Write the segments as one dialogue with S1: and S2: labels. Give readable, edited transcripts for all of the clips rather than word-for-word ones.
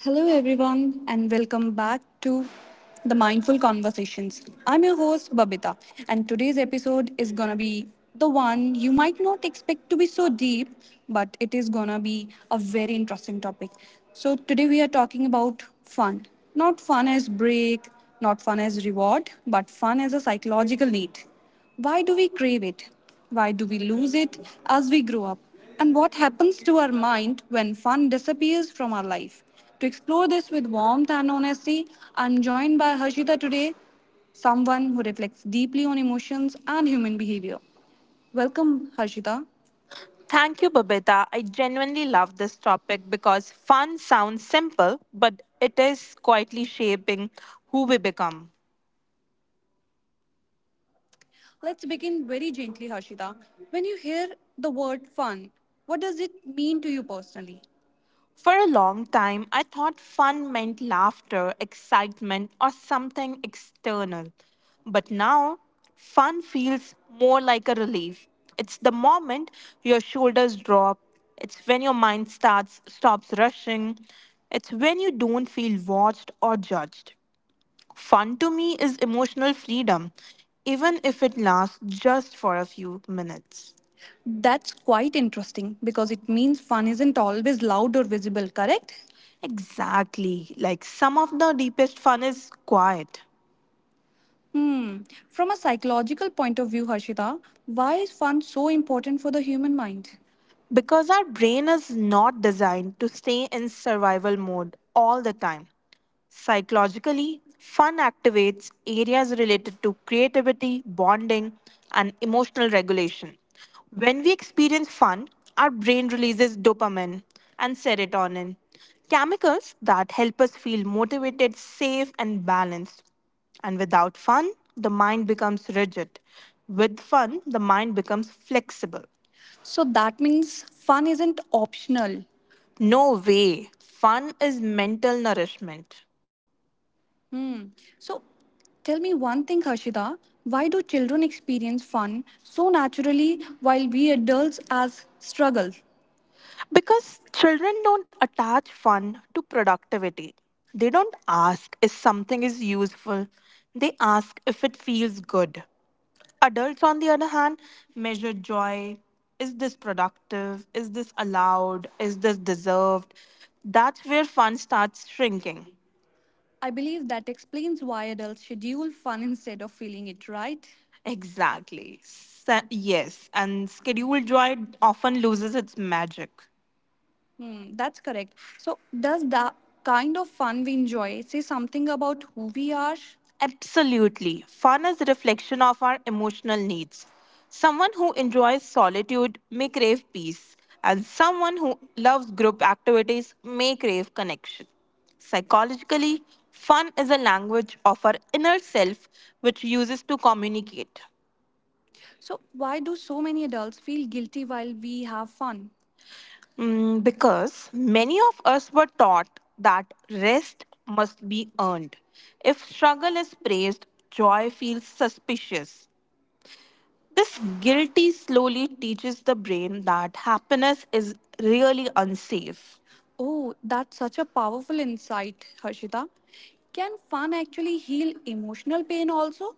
S1: Hello, everyone, and welcome back to the Mindful Conversations. I'm your host, Babita, and today's episode is gonna be the one you might not expect to be so deep, but it is gonna be a very interesting topic. So, today we are talking about fun. Not fun as break, not fun as reward, but fun as a psychological need. Why do we crave it? Why do we lose it as we grow up? And what happens to our mind when fun disappears from our life? To explore this with warmth and honesty, I'm joined by Harshita today, someone who reflects deeply on emotions and human behavior. Welcome, Harshita. Thank you, Babita. I genuinely love this topic because fun sounds simple, but it is quietly shaping who we become. Let's begin very gently, Harshita. When you hear the word fun, what does it mean to you personally? For a long time, I thought fun meant laughter, excitement, or something external. But now, fun feels more like a relief. It's the moment your shoulders drop. It's when your mind starts stops rushing. It's when you don't feel watched or judged. Fun to me is emotional freedom, even if it lasts just for a few minutes. That's quite interesting because it means fun isn't always loud or visible, correct? Exactly. Like some of the deepest fun is quiet. Hmm. From a psychological point of view, Harshita, why is fun so important for the human mind? Because our brain is not designed to stay in survival mode all the time. Psychologically, fun activates areas related to creativity, bonding, and emotional regulation. When we experience fun, our brain releases dopamine and serotonin, chemicals that help us feel motivated, safe, and balanced. And without fun, the mind becomes rigid. With fun, the mind becomes flexible. So that means fun isn't optional. No way. Fun is mental nourishment. Hmm. So tell me one thing, Harshida. Why do children experience fun so naturally while we adults as struggle? Because children don't attach fun to productivity. They don't ask if something is useful, they ask if it feels good. Adults, on the other hand, measure joy. Is this productive? Is this allowed? Is this deserved? That's where fun starts shrinking. I believe that explains why adults schedule fun instead of feeling it, right? Exactly. Sa Yes, and scheduled joy often loses its magic. Hmm, that's correct. So, does the kind of fun we enjoy say something about who we are? Absolutely. Fun is a reflection of our emotional needs. Someone who enjoys solitude may crave peace, and someone who loves group activities may crave connection. Psychologically, fun is a language of our inner self which uses to communicate. So, why do so many adults feel guilty while we have fun? Because many of us were taught that rest must be earned. If struggle is praised, joy feels suspicious. This guilty slowly teaches the brain that happiness is really unsafe. Oh, that's such a powerful insight, Harshita. Can fun actually heal emotional pain also?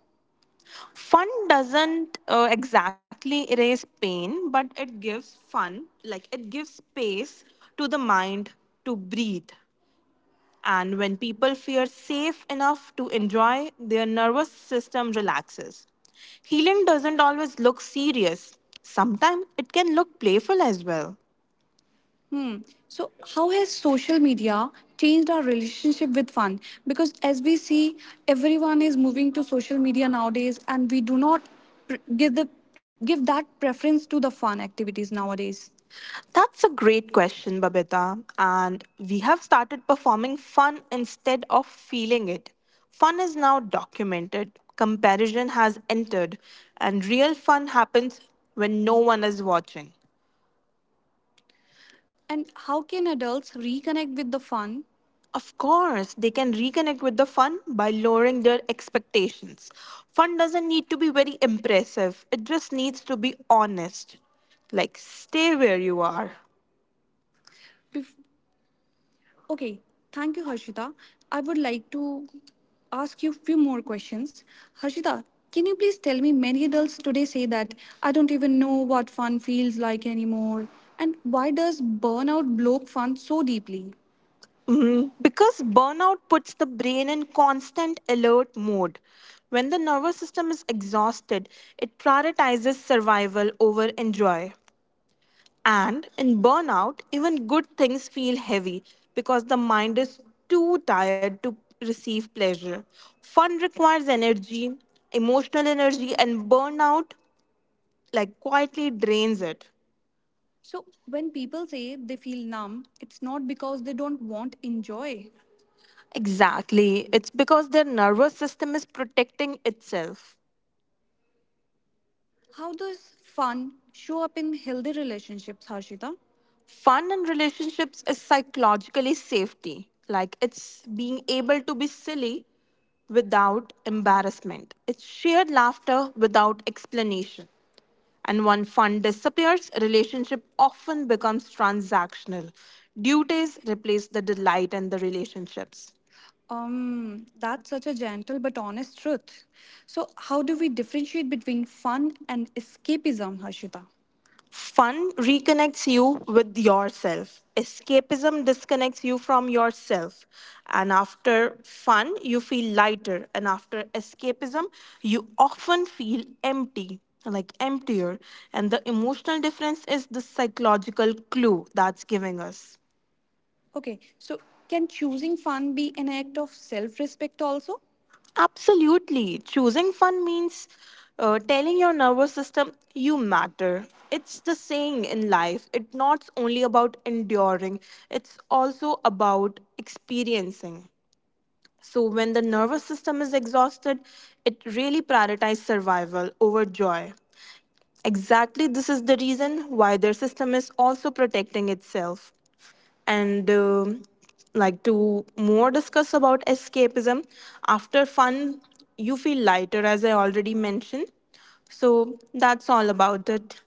S1: Fun doesn't exactly erase pain, but like it gives space to the mind to breathe. And when people feel safe enough to enjoy, their nervous system relaxes. Healing doesn't always look serious, sometimes it can look playful as well. Hmm. So, how has social media changed our relationship with fun? Because as we see, everyone is moving to social media nowadays, and we do not pr- give the give that preference to the fun activities nowadays. That's a great question, Babita. And we have started performing fun instead of feeling it. Fun is now documented, comparison has entered, and real fun happens when no one is watching. And how can adults reconnect with the fun? Of course, they can reconnect with the fun by lowering their expectations. Fun doesn't need to be very impressive, it just needs to be honest. Like, stay where you are. Bef- okay, thank you, Harshita. I would like to ask you a few more questions. Harshita, can you please tell me many adults today say that I don't even know what fun feels like anymore? And why does burnout block fun so deeply? Because burnout puts the brain in constant alert mode. When the nervous system is exhausted, it prioritizes survival over enjoy. And in burnout, even good things feel heavy because the mind is too tired to receive pleasure. Fun requires energy, emotional energy, and burnout like quietly drains it. So when people say they feel numb, it's not because they don't want enjoy. Exactly. It's because their nervous system is protecting itself. How does fun show up in healthy relationships, Harshita? Fun in relationships is psychologically safety. Like it's being able to be silly without embarrassment. It's shared laughter without explanation. And when fun disappears, relationship often becomes transactional. Duties replace the delight in the relationships. That's such a gentle but honest truth. So, how do we differentiate between fun and escapism, Harshita? Fun reconnects you with yourself. Escapism disconnects you from yourself. And after fun, you feel lighter. And after escapism, you often feel empty, like emptier. And the emotional difference is the psychological clue that's giving us. Okay, so can choosing fun be an act of self respect also? Absolutely. Choosing fun means telling your nervous system you matter. It's the saying in life. It's not only about enduring, it's also about experiencing. So, when the nervous system is exhausted, it really prioritizes survival over joy. Exactly, this is the reason why their system is also protecting itself. And like to more discuss about escapism, after fun, you feel lighter, as I already mentioned. So that's all about it.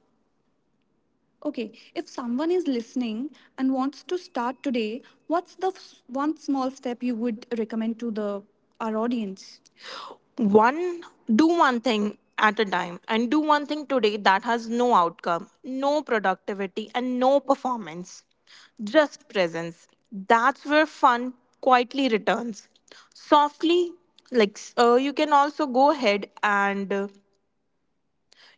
S1: Okay, if someone is listening and wants to start today, what's the one small step you would recommend to the our audience? One Do one thing at a time, and do one thing today that has no outcome, no productivity, and no performance, just presence. That's where fun quietly returns, softly. Like you can also go ahead and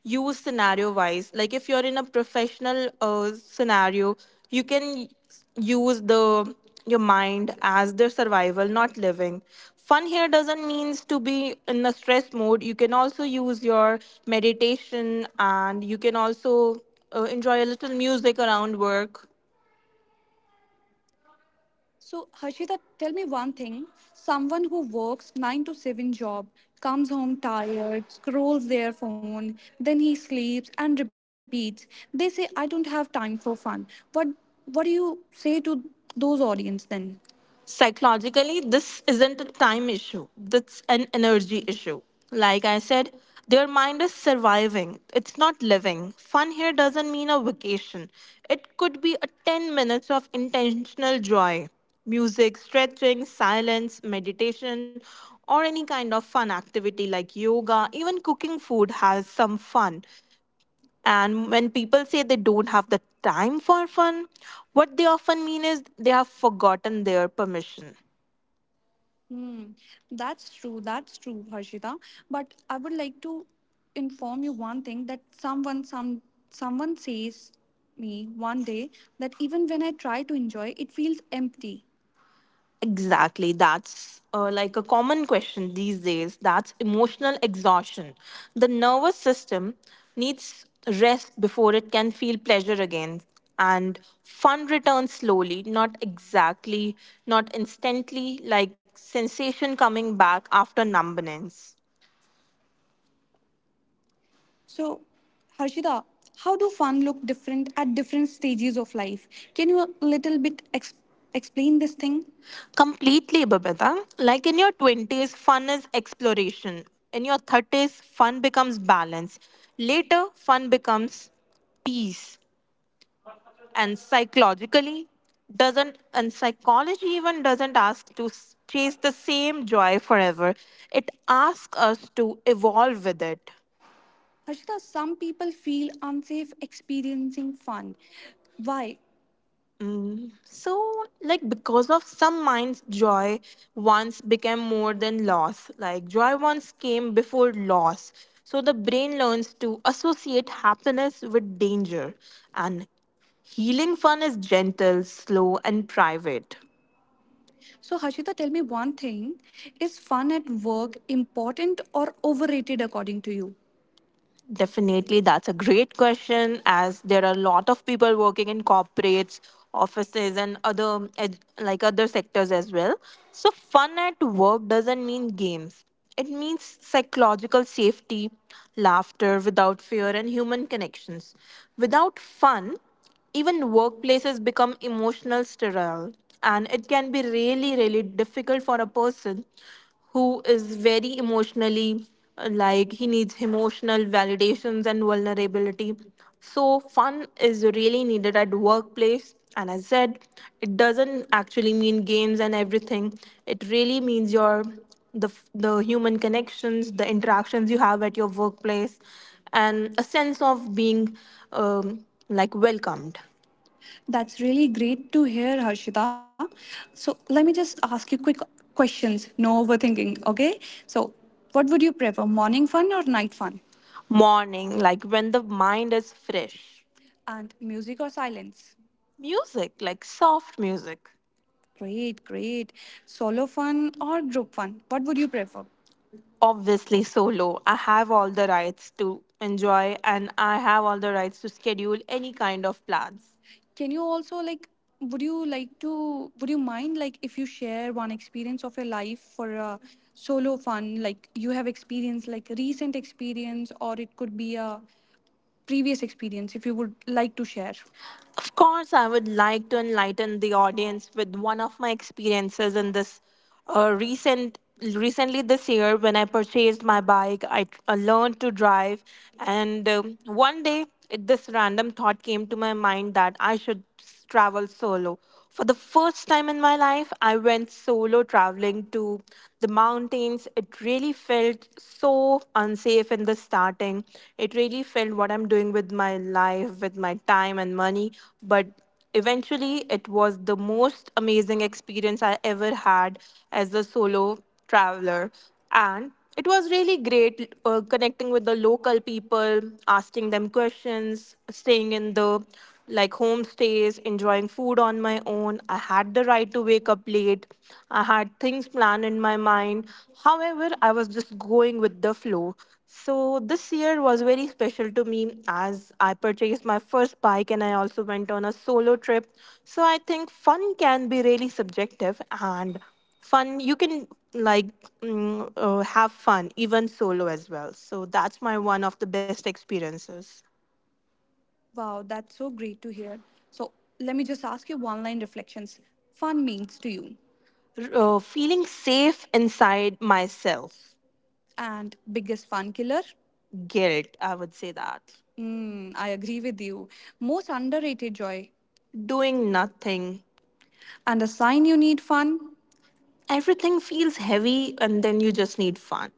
S1: use scenario wise. Like if you're in a professional scenario, you can use the your mind as their survival, not living. Fun here doesn't means to be in a stress mode. You can also use your meditation, and you can also enjoy a little music around work. So, Harshita, tell me one thing. Someone who works 9 to 7 job, comes home tired, scrolls their phone, then he sleeps and repeats. They say I don't have time for fun. What what do you say to those audience then? Psychologically, this isn't a time issue, that's an energy issue. Like I said, their mind is surviving, it's not living. Fun here doesn't mean a vacation, it could be a 10 minutes of intentional joy, music, stretching, silence, meditation, or any kind of fun activity like yoga. Even cooking food has some fun. And when people say they don't have the time for fun, what they often mean is they have forgotten their permission. Hmm, that's true. That's true, Harshita. But I would like to inform you one thing that someone says me one day that even when I try to enjoy, it feels empty. Exactly. That's like a common question these days. That's emotional exhaustion. The nervous system needs rest before it can feel pleasure again. And fun returns slowly, not instantly, like sensation coming back after numbness. So, Harshita, how do fun look different at different stages of life? Can you a little bit explain this thing? Completely, Babita. Like in your 20s, fun is exploration. In your 30s, fun becomes balance. Later, fun becomes peace. And psychologically, doesn't, and psychology even doesn't ask to chase the same joy forever. It asks us to evolve with it. Harshita, some people feel unsafe experiencing fun. Why? So, like, because of some minds, joy once became more than loss. Like, joy once came before loss. So, the brain learns to associate happiness with danger. And healing fun is gentle, slow, and private. So, Harshita, tell me one thing. Is fun at work important or overrated according to you? Definitely, that's a great question. As there are a lot of people working in corporates, offices, and other like other sectors as well. So, fun at work doesn't mean games. It means psychological safety, laughter without fear, and human connections. Without fun, even workplaces become emotional sterile, and it can be really, really difficult for a person who is very emotionally like he needs emotional validations and vulnerability. So, fun is really needed at workplace. And as said, it doesn't actually mean games and everything. It really means the human connections, the interactions you have at your workplace, and a sense of being um, like welcomed. That's really great to hear, Harshita. So let me just ask you quick questions. No overthinking, okay? So what would you prefer, morning fun or night fun? Morning, like when the mind is fresh. And music or silence? Music, like soft music. Great, great. Solo fun or group fun? What would you prefer? Obviously, solo. I have all the rights to enjoy and I have all the rights to schedule any kind of plans. Can you also like would you like to would you mind like if you share one experience of your life for a solo fun like you have experienced like recent experience or it could be a previous experience if you would like to share of course, I would like to enlighten the audience with one of my experiences in this recent recently this year when I purchased my bike. I learned to drive, and one day it, this random thought came to my mind that I should travel solo. For the first time in my life, I went solo traveling to the mountains. It really felt so unsafe in the starting. It really felt what I'm doing with my life, with my time and money. But eventually, it was the most amazing experience I ever had as a solo traveler. And it was really great connecting with the local people, asking them questions, staying in the like homestays, enjoying food on my own. I had the right to wake up late. I had things planned in my mind. However, I was just going with the flow. So this year was very special to me as I purchased my first bike and I also went on a solo trip. So I think fun can be really subjective and fun you can like have fun even solo as well, so that's my one of the best experiences. Wow, that's so great to hear. So let me just ask you one line reflections. Fun means to you. Feeling safe inside myself. And biggest fun killer? Guilt, I would say that. Mm, I agree with you. Most underrated joy. Doing nothing. And a sign you need fun? Everything feels heavy, and then you just need fun.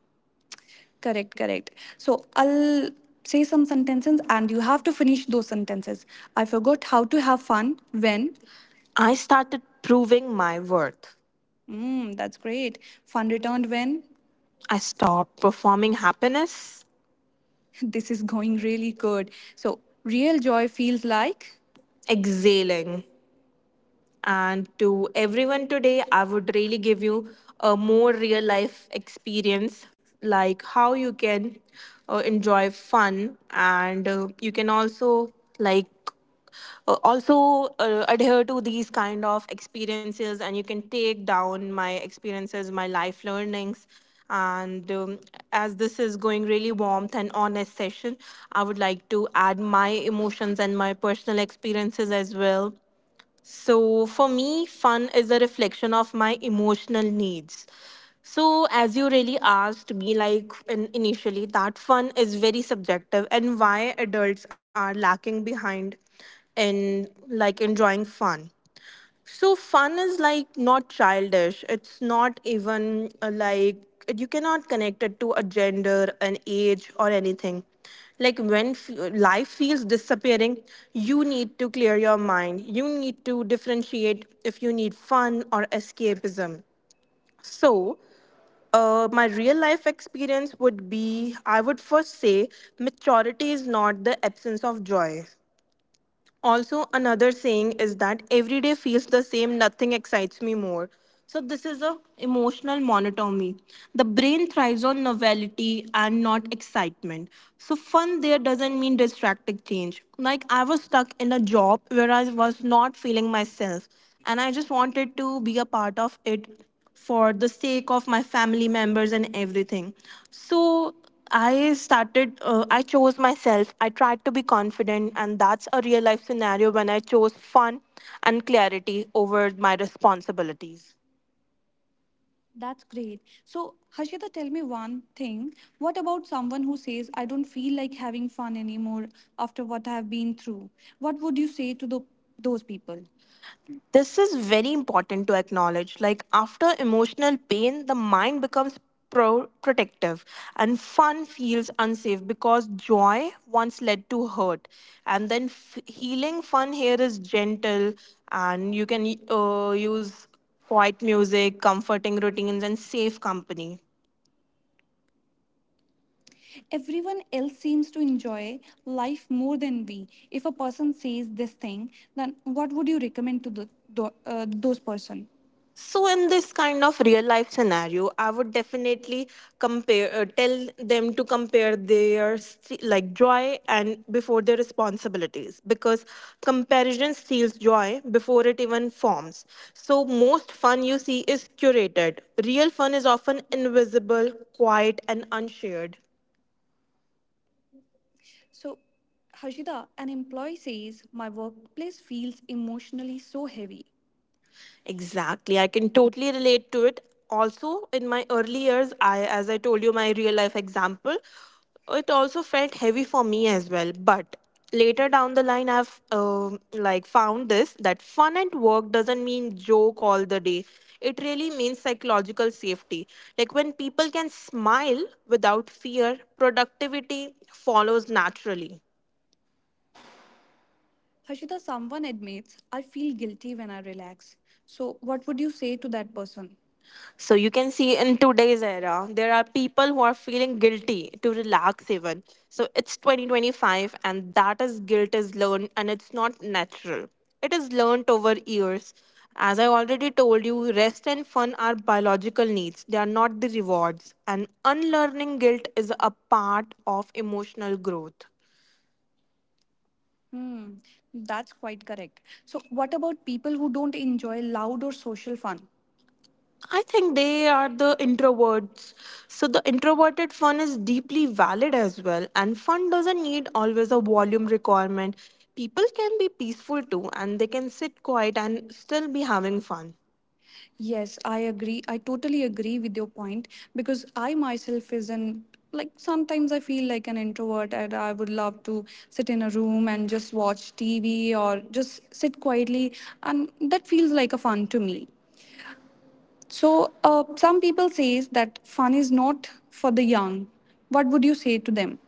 S1: Correct, correct. So I'll say some sentences and you have to finish those sentences. I forgot how to have fun when. I started proving my worth. Mm, that's great. Fun returned when. I stopped performing happiness. This is going really good. So real joy feels like exhaling. And to everyone today, I would really give you a more real life experience like how you can enjoy fun and you can also like also adhere to these kind of experiences and you can take down my experiences my life learnings and as this is going really warmth and honest session, I would like to add my emotions and my personal experiences as well. So, for me, fun is a reflection of my emotional needs. So, as you really asked me, like in, initially, that fun is very subjective, and why adults are lacking behind in like enjoying fun. So fun is like not childish. It's not even like you cannot connect it to a gender, an age, or anything. Like when life feels disappearing, you need to clear your mind. You need to differentiate if you need fun or escapism. So, my real life experience would be I would first say maturity is not the absence of joy. Also another saying is that every day feels the same, nothing excites me more. So this is a emotional monotony. The brain thrives on novelty and not excitement. So fun there doesn't mean distracting change. Like I was stuck in a job where I was not feeling myself and I just wanted to be a part of it for the sake of my family members and everything. So I started, I chose myself. I tried to be confident, and that's a real life scenario when I chose fun and clarity over my responsibilities. That's great. So, Harshita, tell me one thing. What about someone who says, I don't feel like having fun anymore after what I have been through? What would you say to the, those people? This is very important to acknowledge. Like after emotional pain, the mind becomes protective and fun feels unsafe because joy once led to hurt. And then healing fun here is gentle and you can use quiet music, comforting routines, and safe company. Everyone else seems to enjoy life more than we. If a person says this thing, then what would you recommend to the, those person? So in this kind of real life scenario, I would definitely compare, tell them to compare their like joy and before their responsibilities because comparison steals joy before it even forms. So most fun you see is curated. Real fun is often invisible, quiet, and unshared. So, Hashida, an employee says, my workplace feels emotionally so heavy. Exactly. I can totally relate to it. Also, in my early years, I as I told you my real life example, it also felt heavy for me as well. But later down the line, I've like found this that fun at work doesn't mean joke all the day. It really means psychological safety. Like when people can smile without fear, productivity follows naturally. Harshita, someone admits, I feel guilty when I relax. So, what would you say to that person? So you can see in today's era, there are people who are feeling guilty to relax even. So it's 2025, and that is guilt is learned and it's not natural. It is learned over years. As I already told you, rest and fun are biological needs, they are not the rewards. And unlearning guilt is a part of emotional growth. Hmm, that's quite correct. So, what about people who don't enjoy loud or social fun? I think they are the introverts. So the introverted fun is deeply valid as well. And fun doesn't need always a volume requirement. People can be peaceful too, and they can sit quiet and still be having fun. Yes, I agree. I totally agree with your point because I myself is an like sometimes I feel like an introvert and I would love to sit in a room and just watch TV or just sit quietly and that feels like a fun to me. So some people says that fun is not for the young. What would you say to them?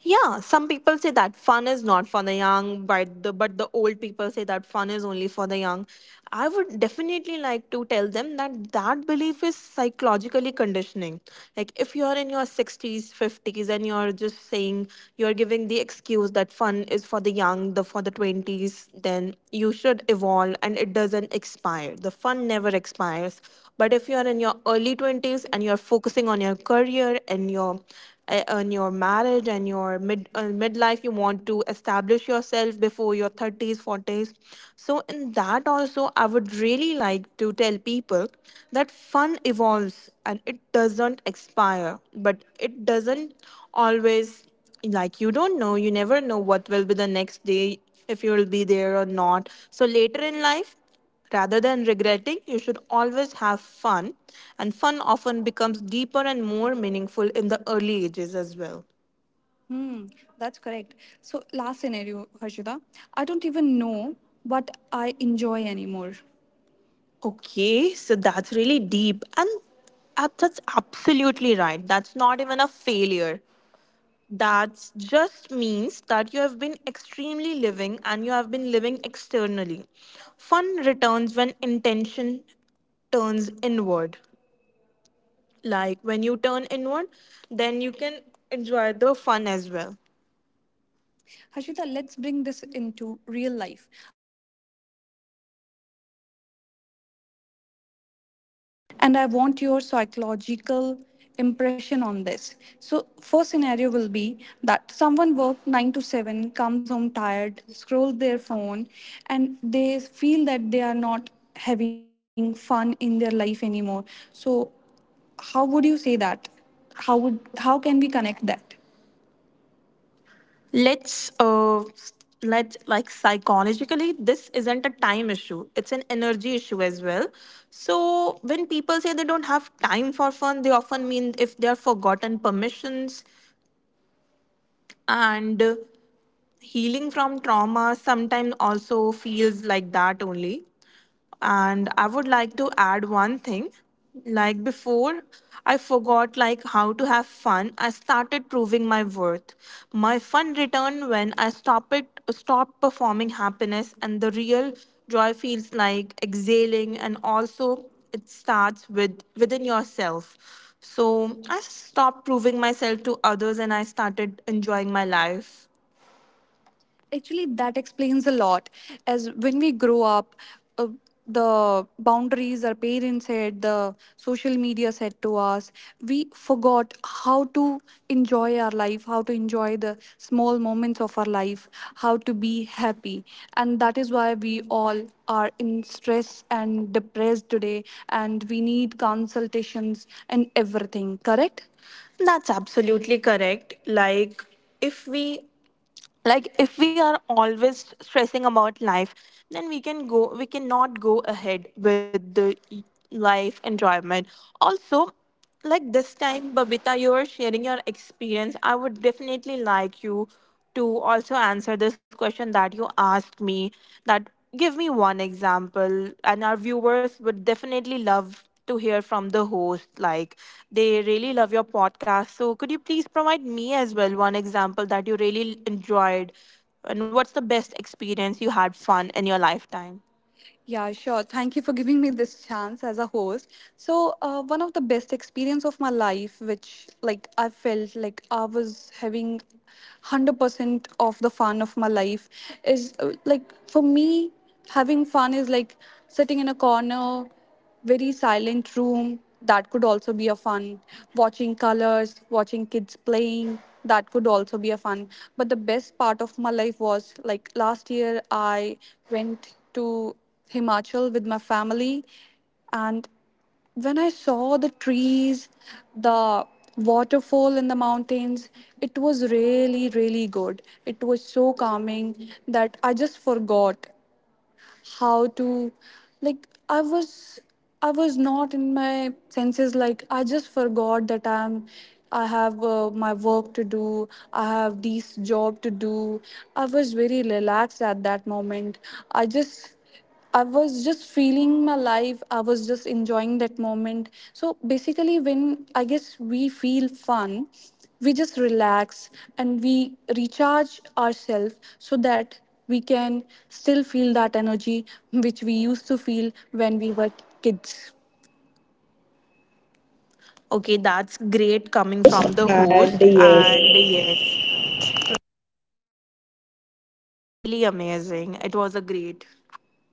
S1: Yeah, some people say that fun is not for the young, but the old people say that fun is only for the young. I would definitely like to tell them that that belief is psychologically conditioning. Like if you are in your 60s, 50s and you're just saying you're giving the excuse that fun is for the young, the for the 20s, then you should evolve and it doesn't expire. The fun never expires. But if you're in your early 20s and you're focusing on your career and your in your marriage and your midlife, you want to establish yourself before your 30s 40s, so in that also I would really like to tell people that fun evolves and it doesn't expire, but it doesn't always like you don't know you never know what will be the next day, if you will be there or not. So later in life, rather than regretting, you should always have fun, and fun often becomes deeper and more meaningful in the early ages as well. Hmm, that's correct. So, last scenario, Harshita. I don't even know what I enjoy anymore. Okay, so that's really deep, and that's absolutely right. That's not even a failure. That just means that you have been extremely living and you have been living externally. Fun returns when intention turns inward. Like when you turn inward, then you can enjoy the fun as well. Harshita, let's bring this into real life and I want your psychological impression on this. So, first scenario will be that someone worked 9 to 7, comes home tired, scrolls their phone, and they feel that they are not having fun in their life anymore. So, how would you say that? How would how can we connect that? let's uh let like psychologically this isn't a time issue, it's an energy issue as well. So when people say they don't have time for fun, they often mean if they are forgotten permissions and healing from trauma sometimes also feels like that only. And I would like to add one thing, like before I forgot like how to have fun, I started proving my worth. My fun returned when I stopped it stopped performing happiness, and the real joy feels like exhaling, and also it starts with within yourself. So I stopped proving myself to others and I started enjoying my life. Actually, that explains a lot. As when we grow up, uh, the boundaries our parents had, the social media said to us, we forgot how to enjoy our life, how to enjoy the small moments of our life, how to be happy. And that is why we all are in stress and depressed today, and we need consultations and everything, correct? That's absolutely correct. Like, if we if we are always stressing about life, then we cannot go ahead with the life enjoyment also. Like, this time, Babita, you are sharing your experience. I would definitely like you to also answer this question that you asked me, that, give me one example, and our viewers would definitely love to hear from the host. Like, they really love your podcast. So, could you please provide me as well one example that you really enjoyed? And what's the best experience you had fun in your lifetime? Yeah, sure. Thank you for giving me this chance as a host. So, one of the best experience of my life, which, like, I felt like I was having 100% of the fun of my life, is like, for me, having fun is like sitting in a corner, very silent room, that could also be a fun, watching colors, watching kids playing, that could also be a fun. But the best part of my life was, like, last year I went to Himachal with my family, and when I saw the trees, the waterfall in the mountains, it was really, really good. It was so calming that I just forgot how to, like, I was not in my senses. Like, I just forgot that I have my work to do, I have this job to do. I was very relaxed at that moment. I just I was just feeling my life. I was just enjoying that moment. So basically, when, I guess, we feel fun, we just relax and we recharge ourselves so that we can still feel that energy which we used to feel when we were kids. Okay, that's great coming from the
S2: And
S1: host.
S2: yes,
S1: And yes, really amazing. It was a great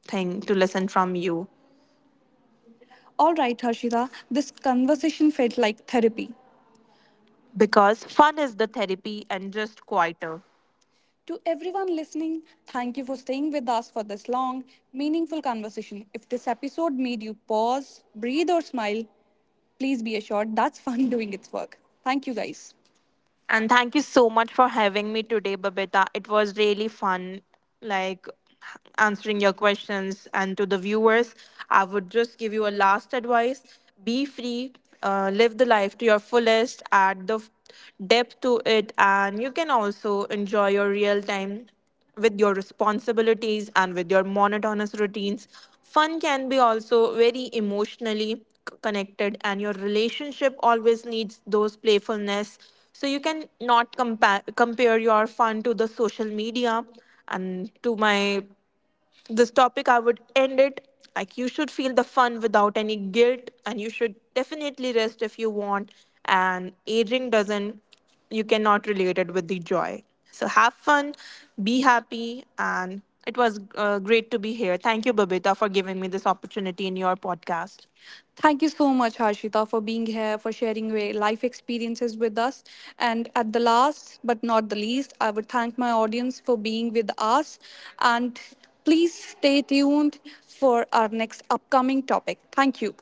S1: thing to listen from you. All right, Harshita, this conversation felt like therapy. Because fun is the therapy and just quieter. To everyone listening, you for staying with us for this long, meaningful conversation. If this episode made you pause, breathe, or smile, please be assured that's fun doing its work. Thank you, guys. And thank you so much for having me today, Babita. It was really fun, like, answering your questions. And to the viewers, I would give you a last advice: be free, live the life to your fullest, add the depth to it, and you can also enjoy your real time with your responsibilities and with your monotonous routines. Fun can be also very emotionally connected, and your relationship always needs those playfulness. So you can not compare your fun to the social media. And to my this topic, I would end it like, you should feel the fun without any guilt, and you should definitely rest if you want. And aging doesn't, you cannot relate it with the joy. So have fun, be happy, and it was great to be here. Thank you, Babita, for giving me this opportunity in your podcast. Thank you so much, Harshita, for being here, for sharing your life experiences with us. And at the last but not the least, I would thank my audience for being with us. And please stay tuned for our next upcoming topic. Thank you.